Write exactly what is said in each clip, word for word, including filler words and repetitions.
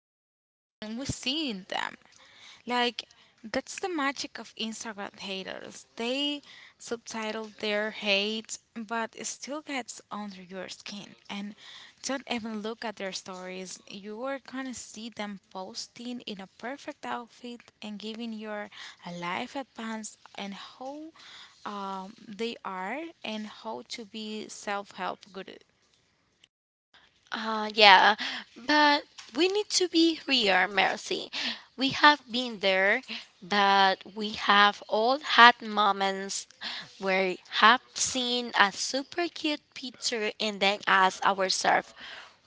bad when we see them. Like, that's the magic of Instagram haters. They subtitle their hate, but it still gets under your skin. And don't even look at their stories. You are gonna see them posting in a perfect outfit and giving your life advice and how um, they are and how to be self help good. Uh, yeah, but we need to be real, Mercy. We have been there, but we have all had moments where we have seen a super cute picture and then ask ourselves,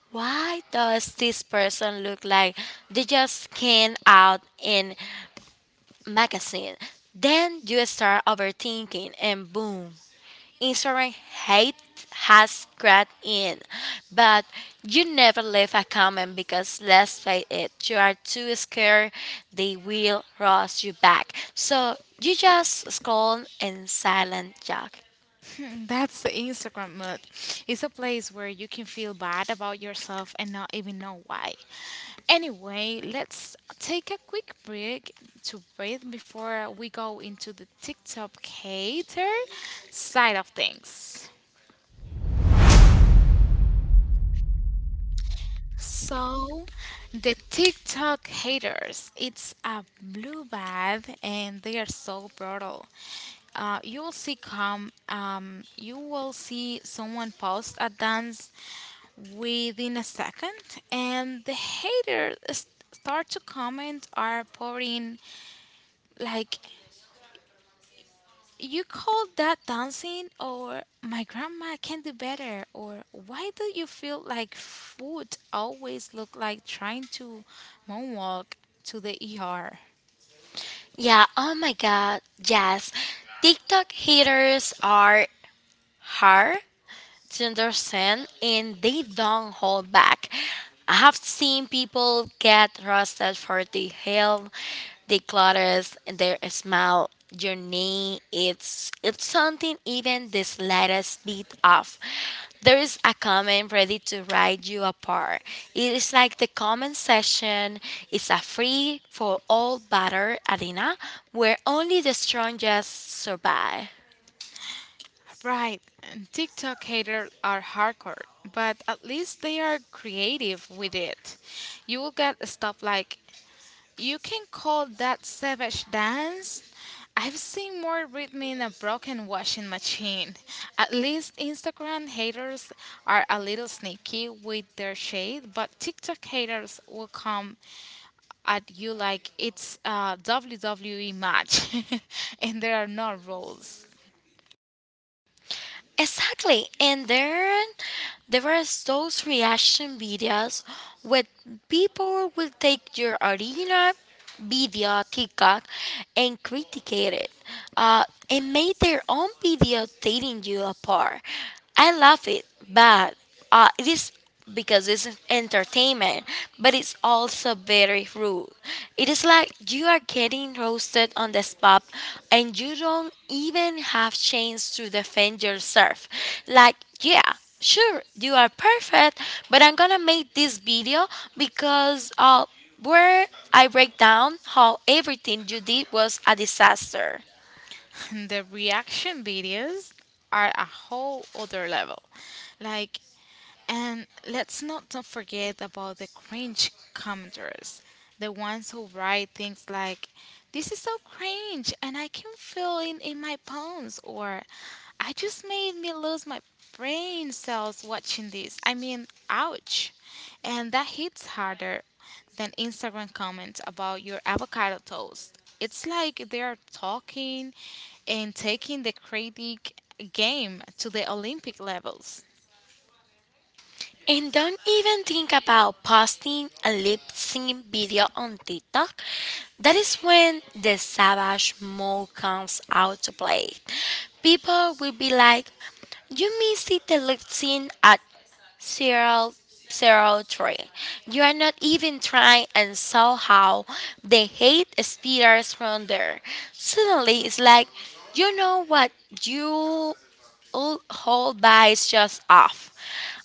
why does this person look like they just came out in magazine? Then you start overthinking and boom, Instagram hate has crept in, but you never leave a comment because let's face it, you are too scared they will roast you back. So you just scroll and silent jog. Hmm, that's the Instagram mood. It's a place where you can feel bad about yourself and not even know why. Anyway, let's take a quick break to breathe before we go into the TikTok hater side of things. So, the TikTok haters, it's a blue bath, and they are so brutal. Uh, you will see come, um, you will see someone post a dance within a second, and the haters s- start to comment are pouring like, you call that dancing, or my grandma can do better, or why do you feel like food always look like trying to moonwalk to the E R? Yeah, oh my god, yes. TikTok haters are hard to understand and they don't hold back. I have seen people get roasted for the hail, the clutters, and their smell, your name. It's it's something even the slightest bit off. There is a comment ready to ride you apart. It is like the comment section is a free for all butter arena where only the strongest survive. Right, and TikTok haters are hardcore, but at least they are creative with it. You will get stuff like, you can call that savage dance. I've seen more rhythm in a broken washing machine. At least Instagram haters are a little sneaky with their shade, but TikTok haters will come at you like it's a W W E match. And there are no rules. Exactly. And there there were those reaction videos where people will take your original video TikTok and criticate it. Uh, and made their own video tearing you apart. I love it, but uh, it is because it's entertainment, but it's also very rude. It is like you are getting roasted on the spot and you don't even have chance to defend yourself. Like, yeah, sure, you are perfect, but I'm gonna make this video because uh where I break down how everything you did was a disaster. The reaction videos are a whole other level. Like And let's not don't forget about the cringe commenters, the ones who write things like, "This is so cringe," and I can feel it in my bones, or "I just made me lose my brain cells watching this." I mean, ouch! And that hits harder than Instagram comments about your avocado toast. It's like they're talking and taking the critic game to the Olympic levels. And don't even think about posting a lip sync video on TikTok. That is when the savage mode comes out to play. People will be like, you missed the lip sync at zero zero three. You are not even trying, and somehow the hate speeders from there. Suddenly, it's like, you know what? You old whole is just off.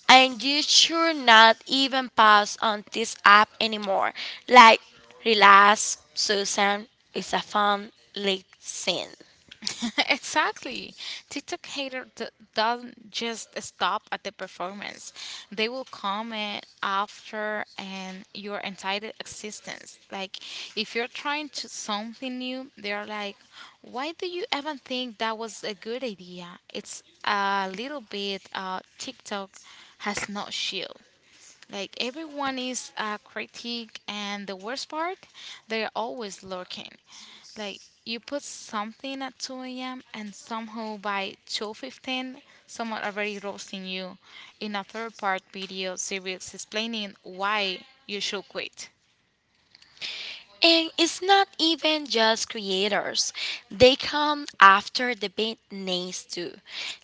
And you should not even pass on this app anymore. Like, relax, Susan. It's a fun late scene. Exactly. TikTok hater d- doesn't just stop at the performance. They will comment after and your entire existence. Like if you're trying to something new, they're like, "Why do you even think that was a good idea?" It's a little bit uh TikTok has no shield. Like everyone is a critic, and the worst part, they're always lurking. Like you put something at two a m and somehow by two fifteen, someone already roasting you in a third part video series explaining why you should quit. And it's not even just creators. They come after the big names too.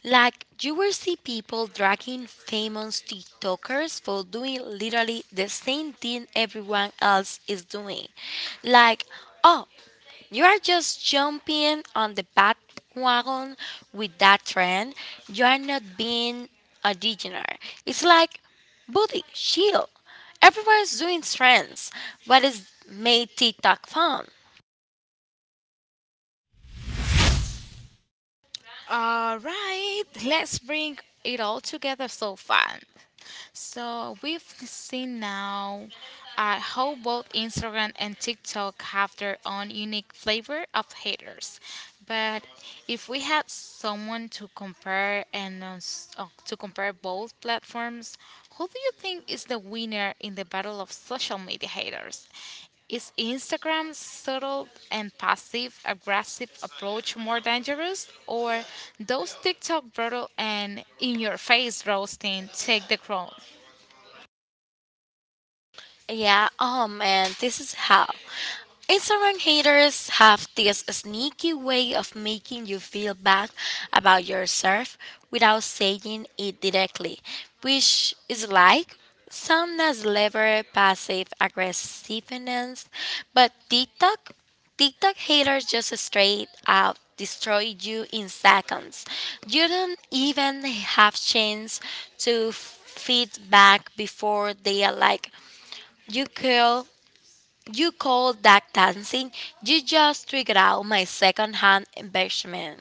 Like you will see people dragging famous TikTokers for doing literally the same thing everyone else is doing. Like, oh, you are just jumping on the bandwagon with that trend. You are not being a degenerate. It's like, buddy, chill. Everyone's doing trends. What is made TikTok fun? All right, let's bring it all together so fun. So we've seen now uh, how both Instagram and TikTok have their own unique flavor of haters. But if we had someone to compare and uh, s- uh, to compare both platforms, who do you think is the winner in the battle of social media haters? Is Instagram's subtle and passive aggressive approach more dangerous, or those TikTok brutal and in your face roasting take the crown? Yeah, oh man, this is how. Instagram haters have this sneaky way of making you feel bad about yourself without saying it directly, which is like some nice level passive aggressiveness, but TikTok TikTok haters just straight out destroy you in seconds. You don't even have chance to feedback before they are like, you call you call that dancing? You just triggered out my second hand embarrassment.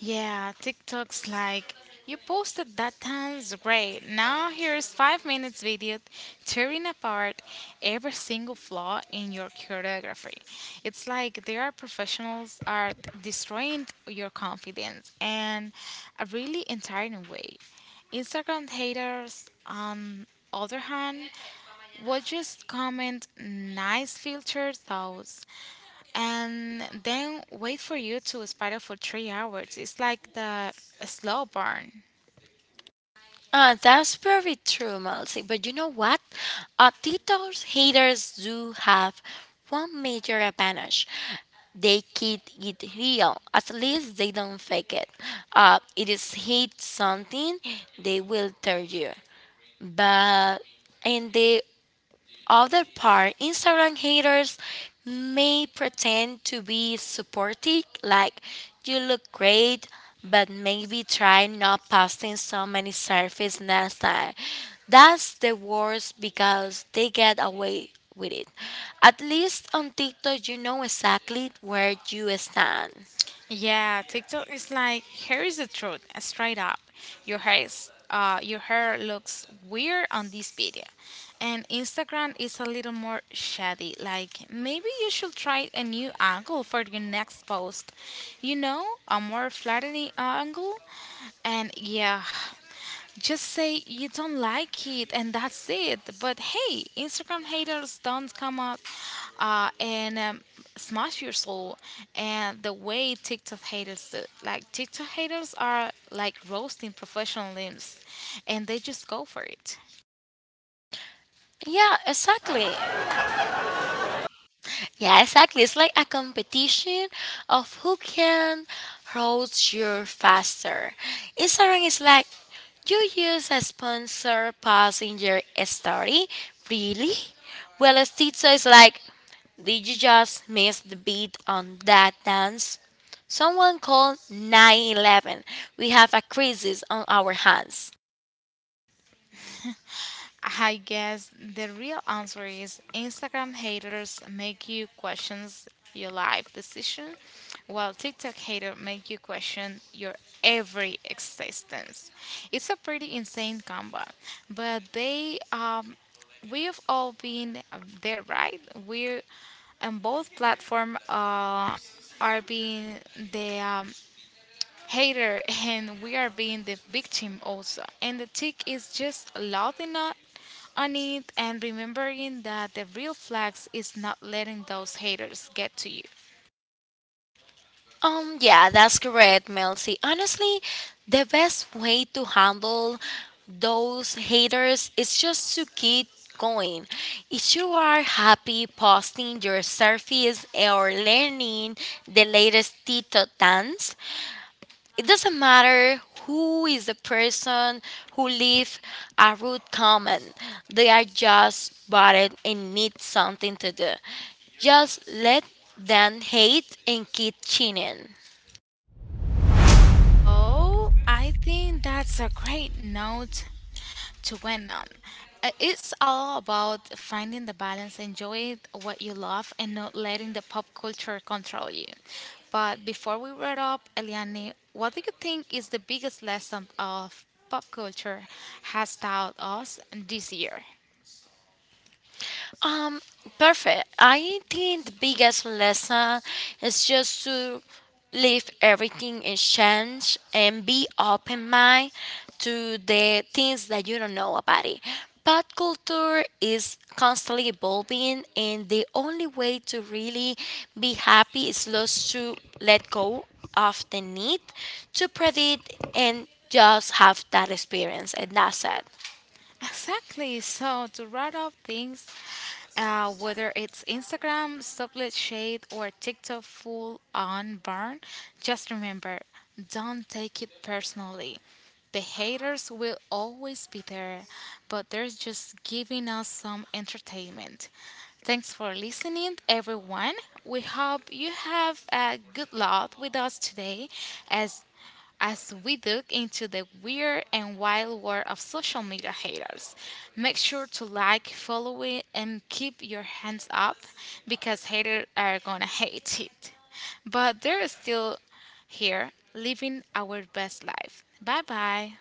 Yeah, TikTok's like, you posted that dance, great. Now here's five minutes video tearing apart every single flaw in your choreography. It's like there are professionals are destroying your confidence in a really entire way. Instagram haters, on other hand, would just comment nice filter thoughts and then wait for you to spiral for three hours. It's like the slow burn. Uh, that's very true, Melcy. But you know what? Uh, Tito's haters do have one major advantage. They keep it real. At least they don't fake it. Uh, it is hate something, they will tell you. But in the other part, Instagram haters may pretend to be supportive, like you look great, but maybe try not posting so many selfies next time. That's the worst because they get away with it. At least on TikTok, you know exactly where you stand. Yeah, TikTok is like here is the truth, uh, straight up. Your hair is, uh, your hair looks weird on this video, and Instagram is a little more shady. Like maybe you should try a new angle for your next post. You know, a more flattering angle, and yeah. Just say you don't like it and that's it. But hey, Instagram haters don't come up uh, and um, smash your soul. And the way TikTok haters do, like TikTok haters are like roasting professional limbs and they just go for it. I guess the real answer is Instagram haters make you question your life decision, while TikTok haters make you question your every existence. It's a pretty insane combo, but they um, we've all been there, right? We're on both platform uh, are being the um, hater and we are being the victim also. And the tick is just loud enough on it and remembering that the real flex is not letting those haters get to you. Oh, I think that's a great note to win them. Uh, It's all about finding the balance, enjoy what you love, and not letting the pop culture control you. But before we wrap up, Eliane, what do you think is the biggest lesson of pop culture has taught us this year? Exactly. So to write up things, uh, whether it's Instagram, sublet shade, or TikTok full on burn, just remember, don't take it personally. The haters will always be there, but they're just giving us some entertainment. Thanks for listening, everyone. We hope you have a good lot with us today as as we look into the weird and wild world of social media haters. Make sure to like, follow it, and keep your hands up because haters are gonna hate it. But they're still here living our best life. Bye bye.